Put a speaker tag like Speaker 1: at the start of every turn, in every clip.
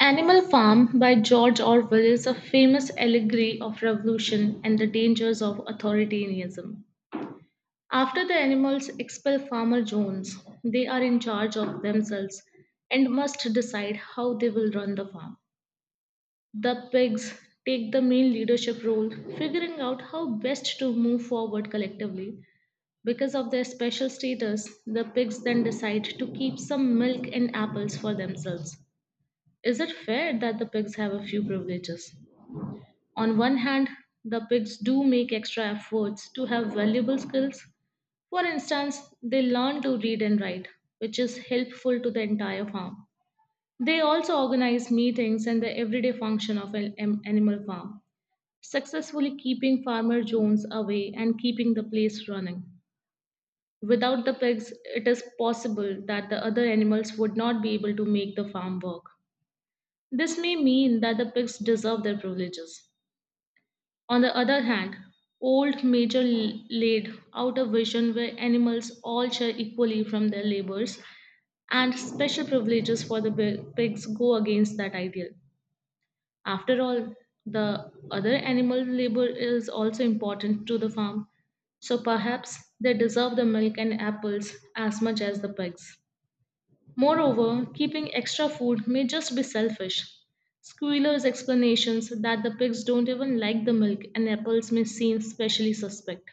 Speaker 1: Animal Farm by George Orwell is a famous allegory of revolution and the dangers of authoritarianism. After the animals expel Farmer Jones, they are in charge of themselves and must decide how they will run the farm. The pigs take the main leadership role, figuring out how best to move forward collectively. Because of their special status, the pigs then decide to keep some milk and apples for themselves. Is it fair that the pigs have a few privileges? On one hand, the pigs do make extra efforts to have valuable skills. For instance, they learn to read and write, which is helpful to the entire farm. They also organize meetings and the everyday function of an animal farm, successfully keeping Farmer Jones away and keeping the place running. Without the pigs, it is possible that the other animals would not be able to make the farm work. This may mean that the pigs deserve their privileges. On the other hand, old Major laid out a vision where animals all share equally from their labors, and special privileges for the pigs go against that ideal. After all, the other animal labor is also important to the farm, so perhaps they deserve the milk and apples as much as the pigs. Moreover, keeping extra food may just be selfish. Squealer's explanations that the pigs don't even like the milk and apples may seem especially suspect.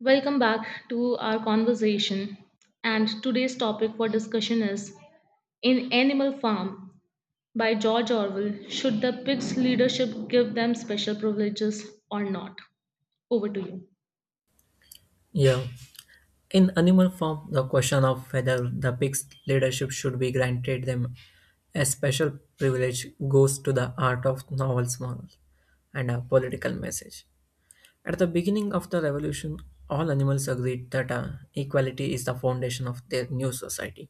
Speaker 1: Welcome back to our conversation. And today's topic for discussion is: in Animal Farm by George Orwell, should the pigs' leadership give them special privileges or not? Over to you.
Speaker 2: Yeah. In animal form, the question of whether the pig's leadership should be granted them a special privilege goes to the art of novel's moral and a political message. At the beginning of the revolution, all animals agreed that equality is the foundation of their new society.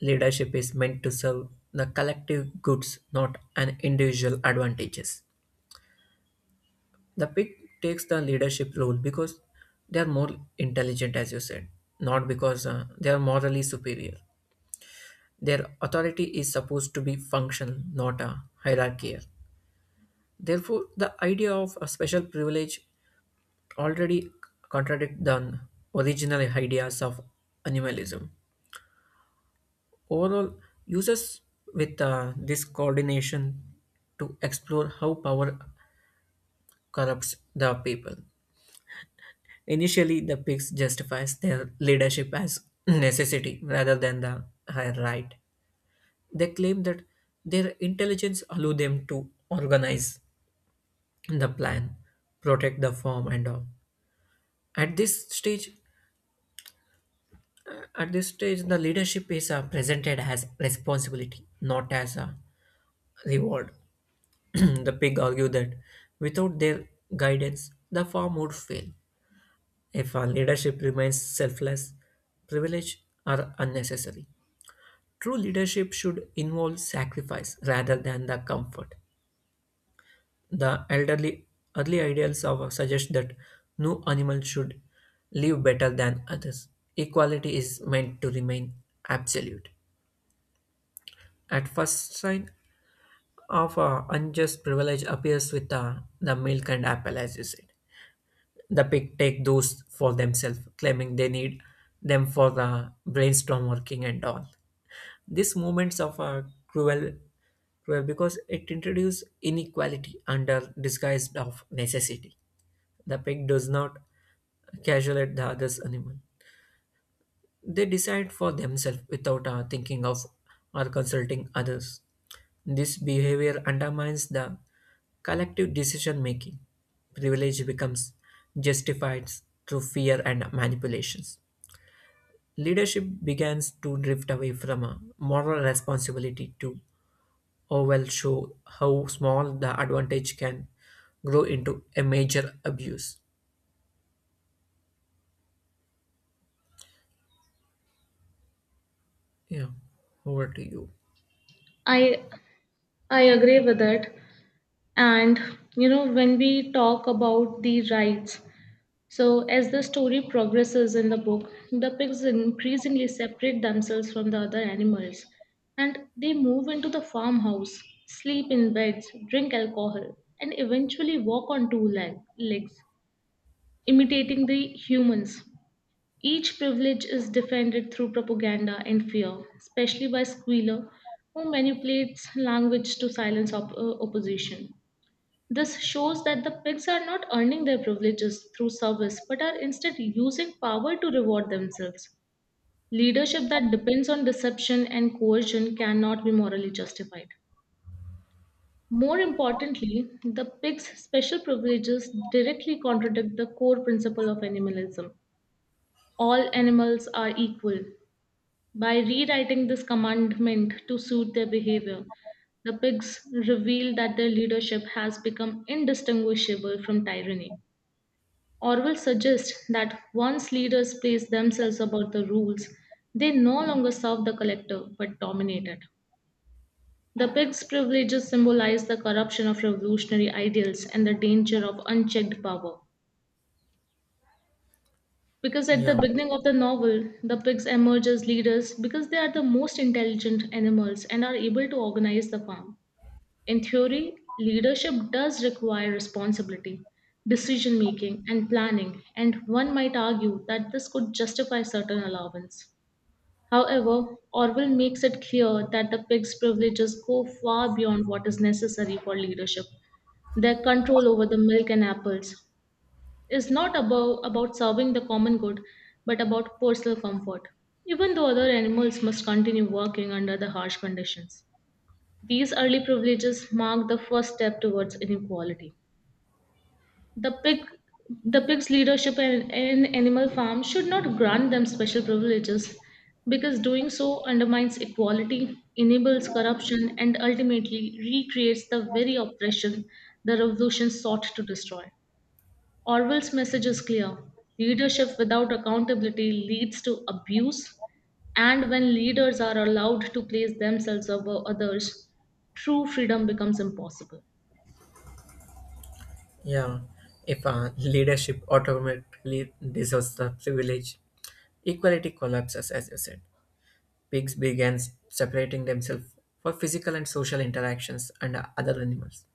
Speaker 2: Leadership is meant to serve the collective goods, not an individual advantages. The pig takes the leadership role because they are more intelligent, as you said, not because they are morally superior. Their authority is supposed to be functional, not a hierarchical. Therefore, the idea of a special privilege already contradicts the original ideas of animalism. Overall, users with this coordination to explore how power corrupts the people. Initially, the pigs justifies their leadership as necessity rather than the higher right. They claim that their intelligence allow them to organize the plan, protect the farm, and all. At this stage, at this stage, the leadership is presented as responsibility, not as a reward. The pig argue that without their guidance, the farm would fail. If our leadership remains selfless, privilege are unnecessary. True leadership should involve sacrifice rather than the comfort. The elderly early ideals of suggest that no animal should live better than others. Equality is meant to remain absolute. At first sign of unjust privilege appears with the milk and apple, as you said. The pig take those for themselves, claiming they need them for the brainstorm working and all. These movements of a cruel, cruel because it introduces inequality under disguise of necessity. The pig does not casualate the other's animal. They decide for themselves without thinking of or consulting others. This behavior undermines the collective decision making. Privilege becomes justified through fear and manipulations. Leadership begins to drift away from a moral responsibility to oh well show how small the advantage can grow into a major abuse. Yeah, over to you.
Speaker 1: I I agree with it. And when we talk about the rights, so, as the story progresses in the book, the pigs increasingly separate themselves from the other animals, and they move into the farmhouse, sleep in beds, drink alcohol, and eventually walk on two legs, imitating the humans. Each privilege is defended through propaganda and fear, especially by Squealer, who manipulates language to silence opposition. This shows that the pigs are not earning their privileges through service but are instead using power to reward themselves. Leadership that depends on deception and coercion cannot be morally justified. More importantly, the pig's special privileges directly contradict the core principle of animalism. All animals are equal. By rewriting this commandment to suit their behavior, the pigs reveal that their leadership has become indistinguishable from tyranny. Orwell suggests that once leaders place themselves above the rules, they no longer serve the collective but dominate it. The pig's privileges symbolize the corruption of revolutionary ideals and the danger of unchecked power. Because at the
Speaker 2: Yeah.
Speaker 1: beginning of the novel, the pigs emerge as leaders because they are the most intelligent animals and are able to organize the farm. In theory, leadership does require responsibility, decision making, and planning, and one might argue that this could justify certain allowance. However, Orwell makes it clear that the pig's privileges go far beyond what is necessary for leadership. Their control over the milk and apples is not about serving the common good, but about personal comfort, even though other animals must continue working under the harsh conditions. These early privileges mark the first step towards inequality. The pig the pig's leadership in animal farm should not grant them special privileges because doing so undermines equality, enables corruption, and ultimately recreates the very oppression the revolution sought to destroy. Orwell's message is clear: leadership without accountability leads to abuse, and when leaders are allowed to place themselves above others, true freedom becomes impossible.
Speaker 2: Yeah, if leadership automatically deserves the privilege, equality collapses, as you said. Pigs began separating themselves for physical and social interactions and other animals.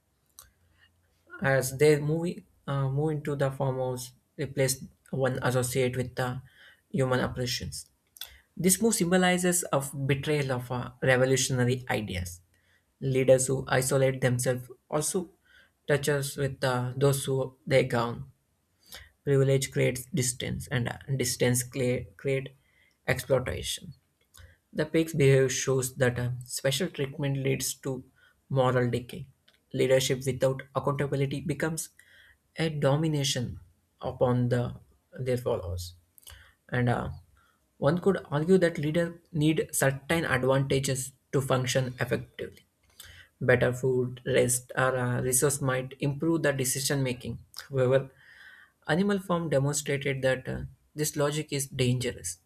Speaker 2: As they move into the farmhouse, replaced one associate with the human operations. This move symbolizes of betrayal of revolutionary ideas. Leaders who isolate themselves also touches with those who they govern. Privilege creates distance, and distance create exploitation. The pig's behavior shows that special treatment leads to moral decay. Leadership without accountability becomes a domination upon the their followers. And one could argue that leaders need certain advantages to function effectively. Better food, rest, or resource might improve the decision making. However, Animal Farm demonstrated that this logic is dangerous.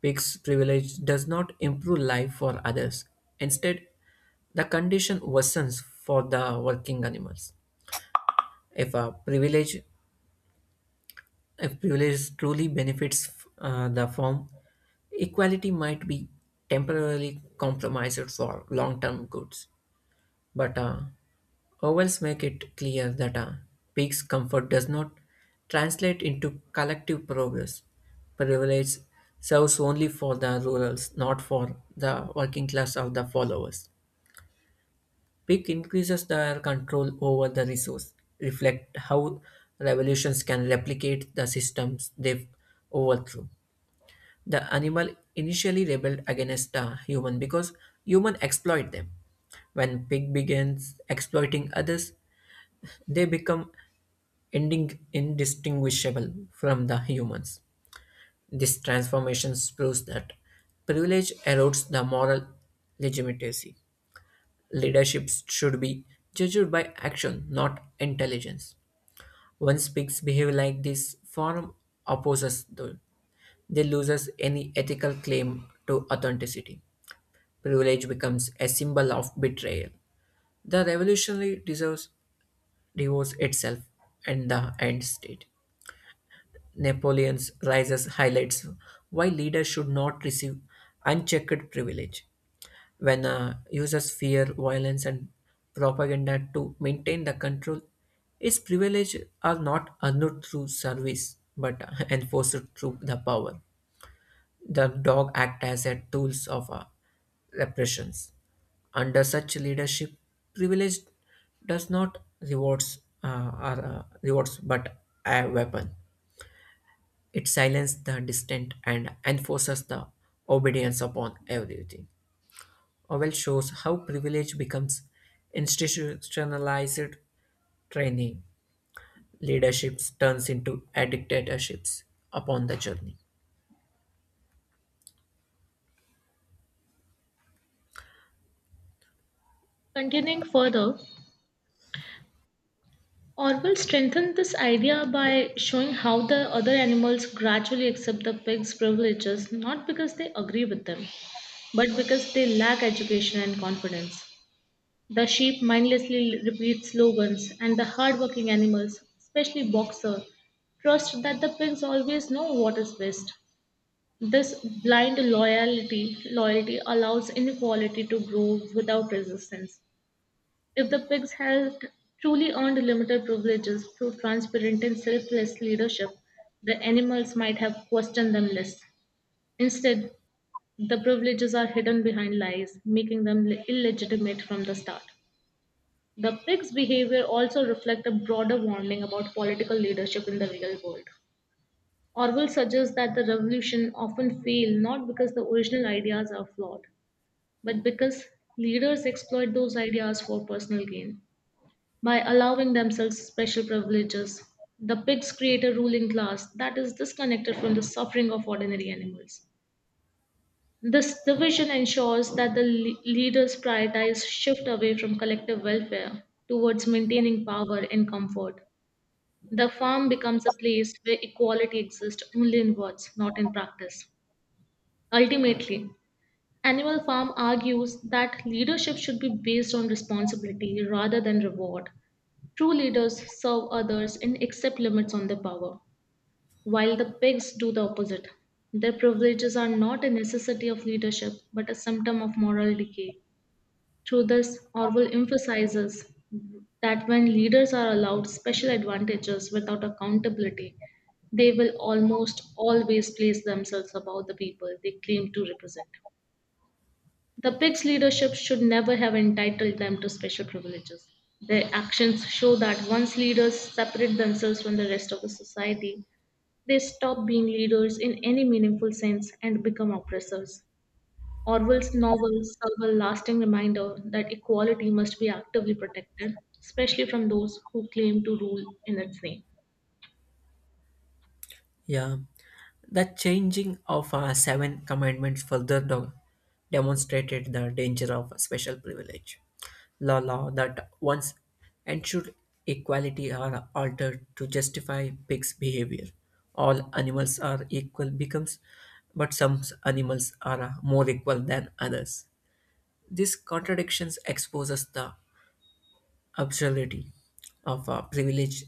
Speaker 2: Pigs' privilege does not improve life for others. Instead, the condition worsens for the working animals. If a privilege, if privilege truly benefits the farm, equality might be temporarily compromised for long-term goods. But Owls make it clear that peaks comfort does not translate into collective progress. Privilege serves only for the rurals, not for the working class or the followers. Peak increases their control over the resource, reflect how revolutions can replicate the systems they overthrew. The animal initially rebelled against the human because human exploit them. When pig begins exploiting others, they become ending indistinguishable from the humans. This transformation proves that privilege erodes the moral legitimacy. Leadership should be judged by action, not intelligence. When speaks behave like this, form opposes them. They loses any ethical claim to authenticity. Privilege becomes a symbol of betrayal. The revolutionary deserves divorce itself and the end state. Napoleon's rises highlights why leaders should not receive unchecked privilege. When users fear violence and propaganda to maintain the control, its privilege are not earned through service but enforced through the power. The dog act as a tools of repressions. Under such leadership, privilege does not rewards or rewards but a weapon. It silences the distant and enforces the obedience upon everything. Orwell shows how privilege becomes institutionalized training. Leaderships turns into dictatorships upon the journey.
Speaker 1: Continuing further, Orwell strengthened this idea by showing how the other animals gradually accept the pig's privileges not because they agree with them, but because they lack education and confidence. The sheep mindlessly repeat slogans, and the hardworking animals, especially Boxer, trust that the pigs always know what is best. This blind loyalty allows inequality to grow without resistance. If the pigs had truly earned limited privileges through transparent and selfless leadership, the animals might have questioned them less. Instead, the privileges are hidden behind lies, making them illegitimate from the start. The pig's behavior also reflects a broader warning about political leadership in the real world. Orwell suggests that the revolution often fail not because the original ideas are flawed, but because leaders exploit those ideas for personal gain. By allowing themselves special privileges, the pigs create a ruling class that is disconnected from the suffering of ordinary animals. This division ensures that the leaders prioritize shift away from collective welfare towards maintaining power and comfort. The farm becomes a place where equality exists only in words, not in practice. Ultimately, Animal Farm argues that leadership should be based on responsibility rather than reward. True leaders serve others and accept limits on their power while the pigs do the opposite. Their privileges are not a necessity of leadership, but a symptom of moral decay. Through this, Orwell emphasizes that when leaders are allowed special advantages without accountability, they will almost always place themselves above the people they claim to represent. The pigs' leadership should never have entitled them to special privileges. Their actions show that once leaders separate themselves from the rest of the society, they stop being leaders in any meaningful sense and become oppressors. Orwell's novels serve a lasting reminder that equality must be actively protected, especially from those who claim to rule in its name.
Speaker 2: Yeah, the changing of seven commandments further demonstrated the danger of special privilege. Law that once ensured equality are altered to justify pigs' behavior. All animals are equal becomes, but some animals are more equal than others. These contradictions exposes the absurdity of privileged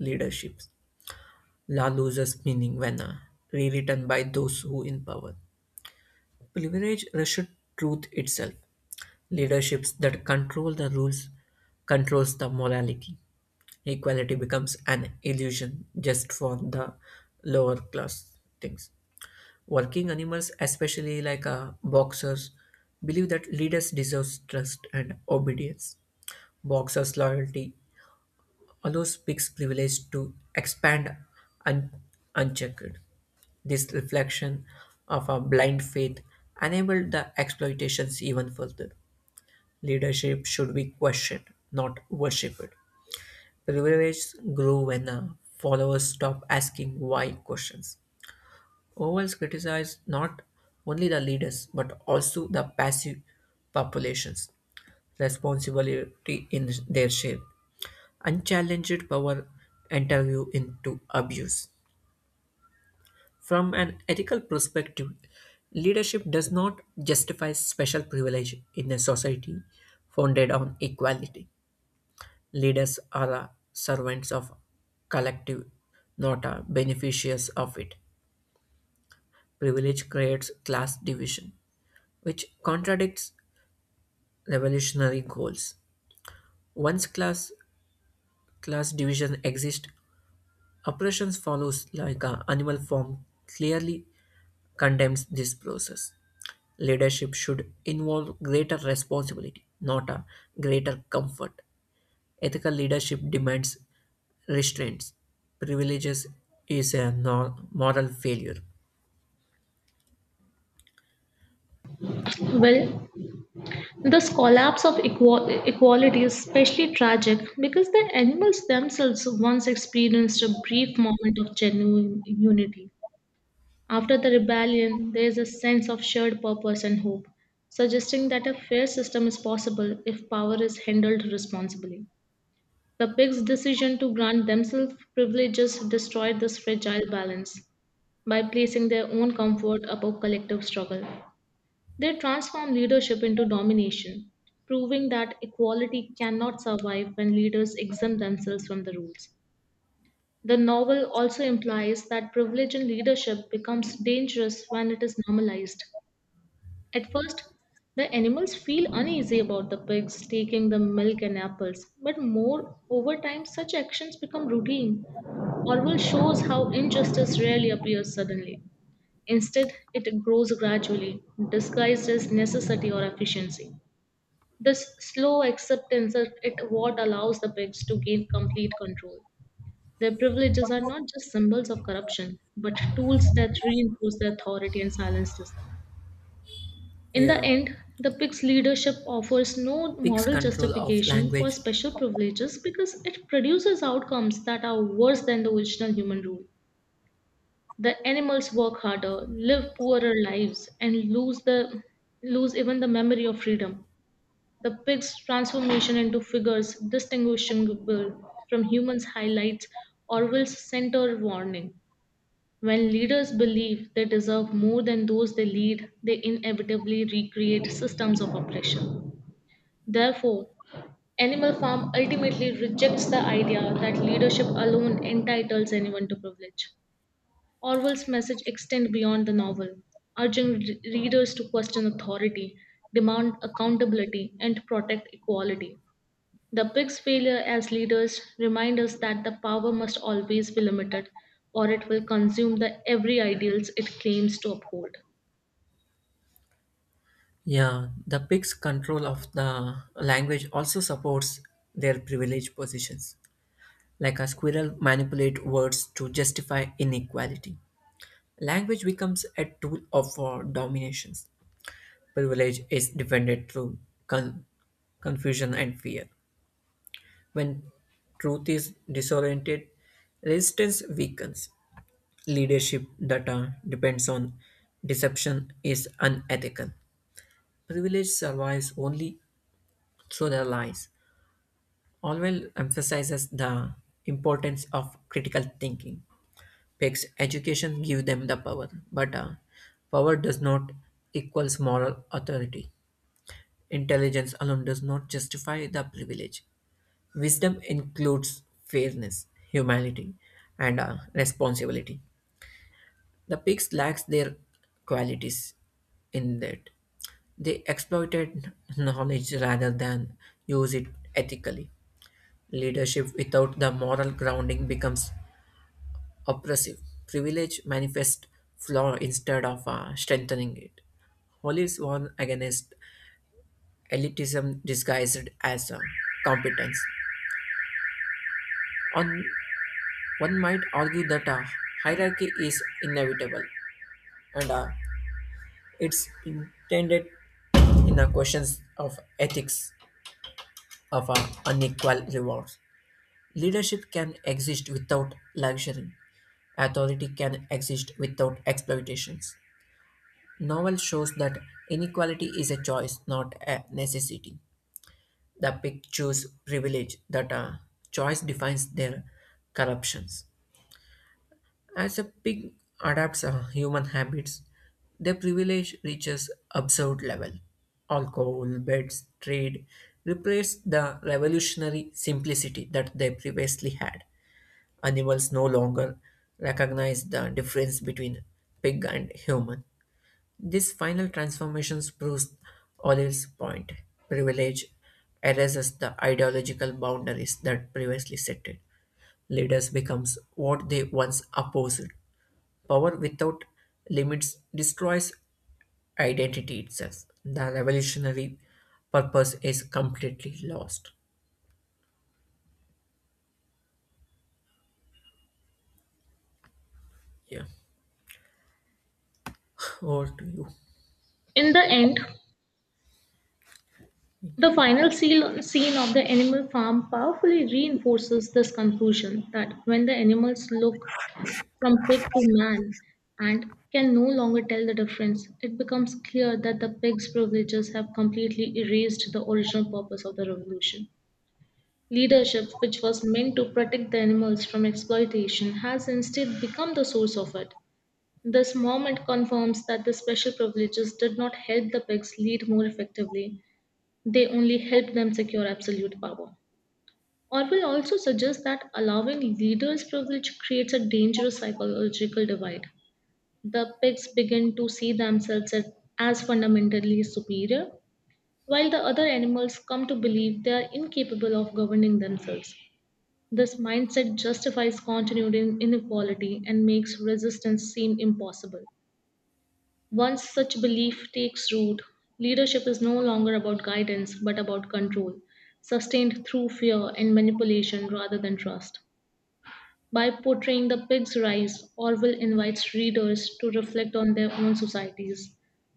Speaker 2: leadership. Law loses meaning when rewritten by those who in power. Privilege rushes truth itself. Leaderships that control the rules controls the morality. Equality becomes an illusion just for the lower class things. Working animals, especially like boxers, believe that leaders deserve trust and obedience. Boxers' loyalty allows peaks privilege to expand un- unchecked. This reflection of a blind faith enabled the exploitations even further. Leadership should be questioned, not worshipped. Privilege grew when followers stop asking why questions. Orwell's criticized not only the leaders but also the passive populations responsibility in their shape. Unchallenged power interview into abuse. From an ethical perspective, leadership does not justify special privilege in a society founded on equality. Leaders are servants of collective, not beneficiaries of it. Privilege creates class division, which contradicts revolutionary goals. Once class division exists, operations follows like a animal form clearly condemns this process. Leadership should involve greater responsibility, not a greater comfort. Ethical leadership demands restraints. Privileges is a no- moral failure.
Speaker 1: Well, this collapse of equality is especially tragic because the animals themselves once experienced a brief moment of genuine unity. After the rebellion, there is a sense of shared purpose and hope, suggesting that a fair system is possible if power is handled responsibly. The pigs' decision to grant themselves privileges destroyed this fragile balance by placing their own comfort above collective struggle. They transform leadership into domination, proving that equality cannot survive when leaders exempt themselves from the rules. The novel also implies that privilege in leadership becomes dangerous when it is normalized. At first, the animals feel uneasy about the pigs taking the milk and apples, but more over time, such actions become routine. Orwell shows how injustice rarely appears suddenly. Instead, it grows gradually, disguised as necessity or efficiency. This slow acceptance it what allows the pigs to gain complete control. Their privileges are not just symbols of corruption, but tools that reinforce their authority and silence dissent. In the
Speaker 2: Yeah,
Speaker 1: end, the PIC's leadership offers no
Speaker 2: pig's
Speaker 1: moral
Speaker 2: control of
Speaker 1: justification for
Speaker 2: language.
Speaker 1: special privileges because it produces outcomes that are worse than the original human rule. The animals work harder, live poorer lives, and lose even the memory of freedom. The pig's transformation into figures distinguishable from humans highlights Orwell's center warning: when leaders believe they deserve more than those they lead, they inevitably recreate systems of oppression. Therefore, Animal Farm ultimately rejects the idea that leadership alone entitles anyone to privilege. Orwell's message extends beyond the novel, urging readers to question authority, demand accountability, and protect equality. The pig's failure as leaders remind us that the power must always be limited or it will consume the every ideals it claims to uphold.
Speaker 2: Yeah, the pig's control of the language also supports their privileged positions. Like a squirrel manipulate words to justify inequality. Language becomes a tool of domination. Privilege is defended through con- confusion and fear. When truth is disoriented, resistance weakens. Leadership that depends on deception is unethical. Privilege survives only through their lies. Orwell emphasizes the importance of critical thinking. Picks education give them the power, but power does not equals moral authority. Intelligence alone does not justify the privilege. Wisdom includes fairness, humanity, and responsibility. The pigs lacks their qualities in that. They exploited knowledge rather than use it ethically. Leadership without the moral grounding becomes oppressive. Privilege manifests flaw instead of strengthening it. Hollis warned against elitism disguised as competence. On one might argue that a hierarchy is inevitable, and it's intended in the questions of ethics of unequal rewards. Leadership can exist without luxury. Authority can exist without exploitations. Novel shows that inequality is a choice, not a necessity. The pick choose privilege that choice defines their corruptions. As a pig adapts human habits, their privilege reaches absurd level. Alcohol, beds, trade replace the revolutionary simplicity that they previously had. Animals no longer recognize the difference between pig and human. This final transformation proves Olive's point. Privilege erases the ideological boundaries that previously set it. Leaders becomes what they once opposed. Power without limits destroys identity itself. The revolutionary purpose is completely lost. Yeah, over to you.
Speaker 1: In the end, the final scene of the animal farm powerfully reinforces this conclusion that when the animals look from pig to man and can no longer tell the difference, it becomes clear that the pig's privileges have completely erased the original purpose of the revolution. Leadership, which was meant to protect the animals from exploitation, has instead become the source of it. This moment confirms that the special privileges did not help the pigs lead more effectively, they only helped them secure absolute power. Orwell also suggests that allowing leaders' privilege creates a dangerous psychological divide. The pigs begin to see themselves as fundamentally superior, while the other animals come to believe they are incapable of governing themselves. This mindset justifies continued inequality and makes resistance seem impossible. Once such belief takes root, leadership is no longer about guidance but about control, sustained through fear and manipulation rather than trust. By portraying the pig's rise, Orwell invites readers to reflect on their own societies.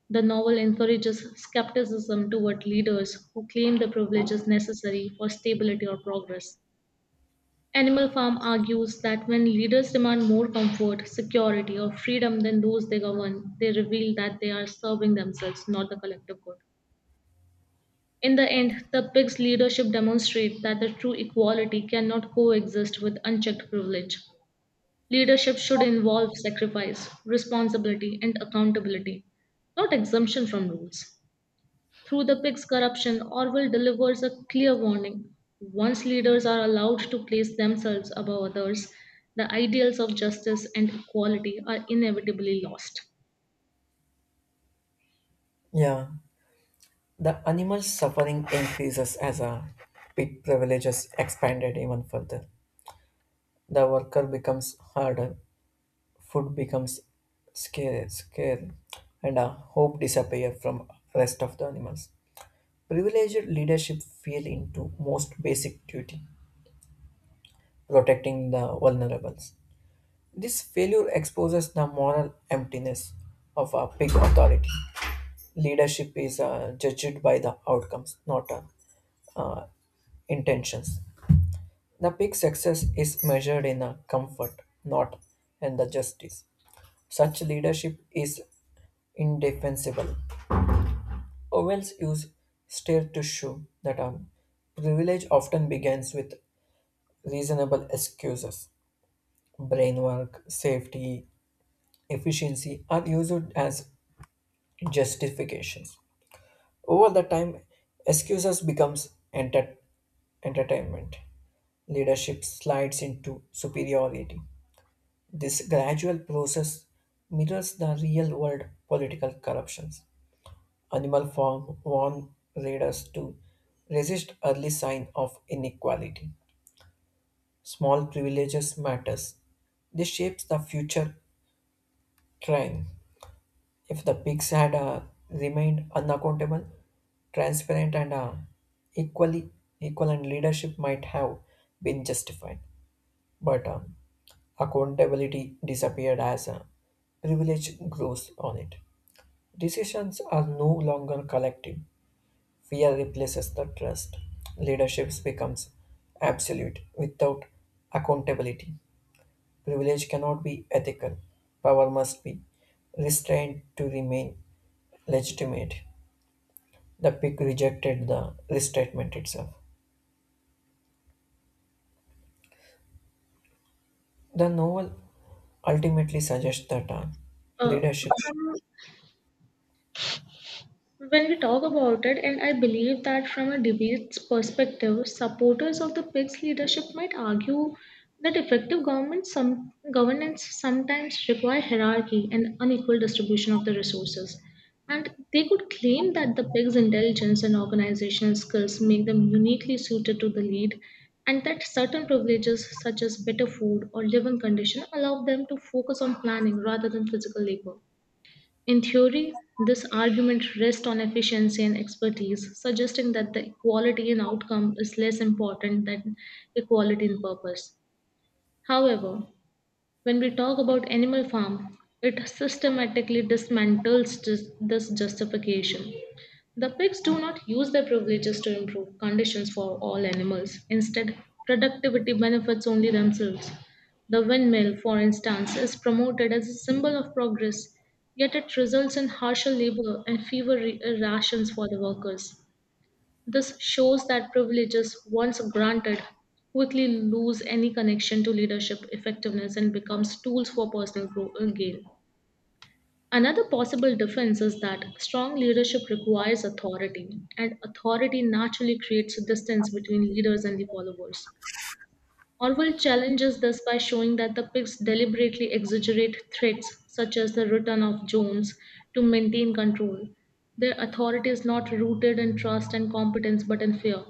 Speaker 1: The novel encourages skepticism toward leaders who claim the privilege is necessary for stability or progress. Animal Farm argues that when leaders demand more comfort, security, or freedom than those they govern, they reveal that they are serving themselves, not the collective good. In the end, the pig's leadership demonstrates that the true equality cannot coexist with unchecked privilege. Leadership should involve sacrifice, responsibility, and accountability, not exemption from rules. Through the pig's corruption, Orwell delivers a clear warning. Once leaders are allowed to place themselves above others, the ideals of justice and equality are inevitably lost.
Speaker 2: Yeah, the animal suffering increases as a pig privilege is expanded even further. The worker becomes harder, food becomes scarce, and hope disappear from rest of the animals. Privileged leadership fell into most basic duty, protecting the vulnerables. This failure exposes the moral emptiness of a big authority. Leadership is judged by the outcomes, not uh, intentions. The big success is measured in a comfort, not in the justice. Such leadership is indefensible. Orwell's use stare to show that privilege often begins with reasonable excuses. Brain work, safety, efficiency are used as justifications. Over the time, excuses becomes entertainment. Leadership slides into superiority. This gradual process mirrors the real-world political corruptions. Animal farm warn readers to resist early sign of inequality. Small privileges matters. This shapes the future crime. If the pigs had remained unaccountable, transparent, and equally equal, and leadership might have been justified. But accountability disappeared as privilege grows on it. Decisions are no longer collective. Fear replaces the trust. Leadership becomes absolute without accountability. Privilege cannot be ethical. Power must be restrained to remain legitimate. The pick rejected the restatement itself. The novel ultimately suggests that
Speaker 1: Uh,
Speaker 2: leadership.
Speaker 1: from when we talk about it, and I believe that from a debate's perspective, supporters of the PIG's leadership might argue that effective governance sometimes require hierarchy and unequal distribution of the resources. And they could claim that the PIG's intelligence and organizational skills make them uniquely suited to the lead, and that certain privileges such as better food or living condition allow them to focus on planning rather than physical labor. In theory, this argument rests on efficiency and expertise, suggesting that the equality in outcome is less important than equality in purpose. However, when we talk about animal farm, it systematically dismantles this justification. The pigs do not use their privileges to improve conditions for all animals. Instead, productivity benefits only themselves. The windmill, for instance, is promoted as a symbol of progress, yet it results in harsher labor and fewer rations for the workers. This shows that privileges, once granted, quickly lose any connection to leadership effectiveness and becomes tools for personal gain. Another possible difference is that strong leadership requires authority, and authority naturally creates a distance between leaders and the followers. Orwell challenges this by showing that the pigs deliberately exaggerate threats, such as the return of Jones, to maintain control. Their authority is not rooted in trust and competence but in fear.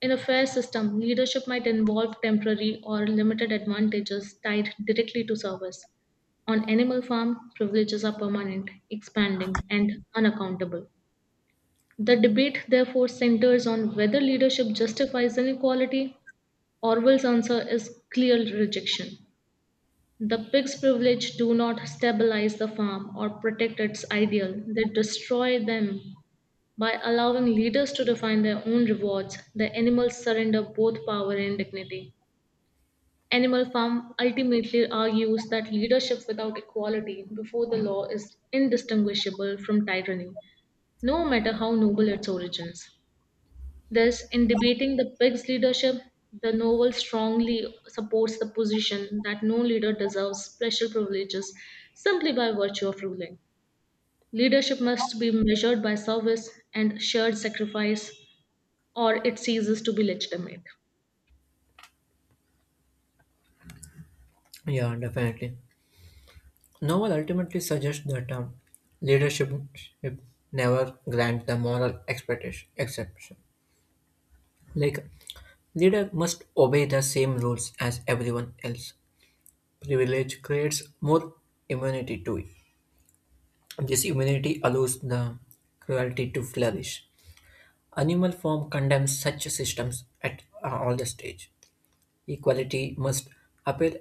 Speaker 1: In a fair system, leadership might involve temporary or limited advantages tied directly to service. On animal farm, privileges are permanent, expanding, and unaccountable. The debate therefore centers on whether leadership justifies inequality. Orwell's answer is clear rejection. The pig's privilege do not stabilize the farm or protect its ideal. They destroy them. By allowing leaders to define their own rewards, the animals surrender both power and dignity. Animal Farm ultimately argues that leadership without equality before the law is indistinguishable from tyranny, no matter how noble its origins. Thus, in debating the pig's leadership, the novel strongly supports the position that no leader deserves special privileges simply by virtue of ruling. Leadership must be measured by service and shared sacrifice or it ceases to be legitimate.
Speaker 2: Yeah, definitely. Novel ultimately suggests that leadership should never grant the moral expectation exception. Like leader must obey the same rules as everyone else. Privilege creates more immunity to it. This immunity allows the cruelty to flourish. Animal form condemns such systems at all the stage. Equality must appeal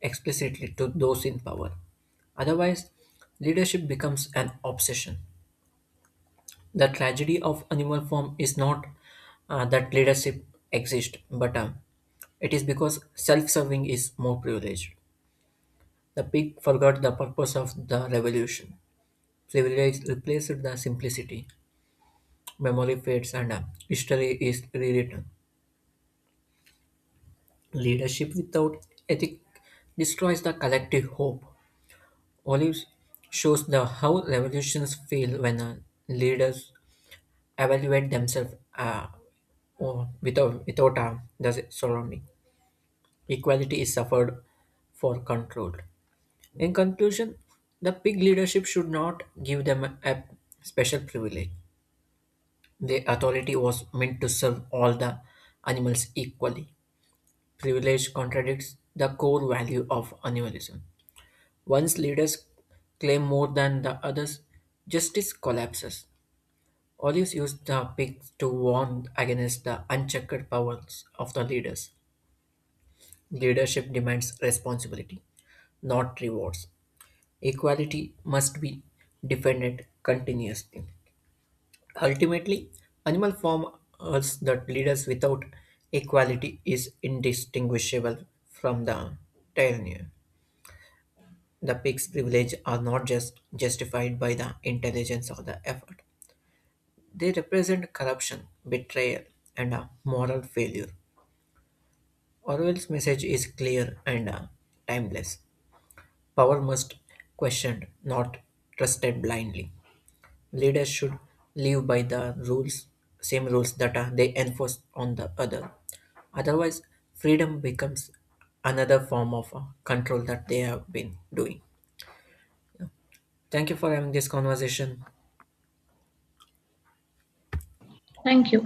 Speaker 2: explicitly to those in power. Otherwise, leadership becomes an obsession. The tragedy of animal form is not that leadership exists, but it is because self serving is more privileged. The pig forgot the purpose of the revolution. Privilege replaced the simplicity. Memory fades and history is rewritten. Leadership without ethic destroys the collective hope. Olives shows the how revolutions fail when leaders evaluate themselves or without the surrounding. Equality is suffered for control. In conclusion, the pig leadership should not give them a special privilege. The authority was meant to serve all the animals equally. Privilege contradicts the core value of animalism. Once leaders claim more than the others, justice collapses. Olives used the pigs to warn against the unchecked powers of the leaders. Leadership demands responsibility, not rewards. Equality must be defended continuously. Ultimately, animal form asserts that leaders without equality is indistinguishable from the tyranny. The pig's privilege are not just justified by the intelligence or the effort. They represent corruption, betrayal, and a moral failure. Orwell's message is clear and timeless. Power must questioned, not trusted blindly. Leaders should live by the rules, same rules that they enforce on the other. Otherwise, freedom becomes another form of control that they have been doing. Thank you for having this conversation.
Speaker 1: Thank you.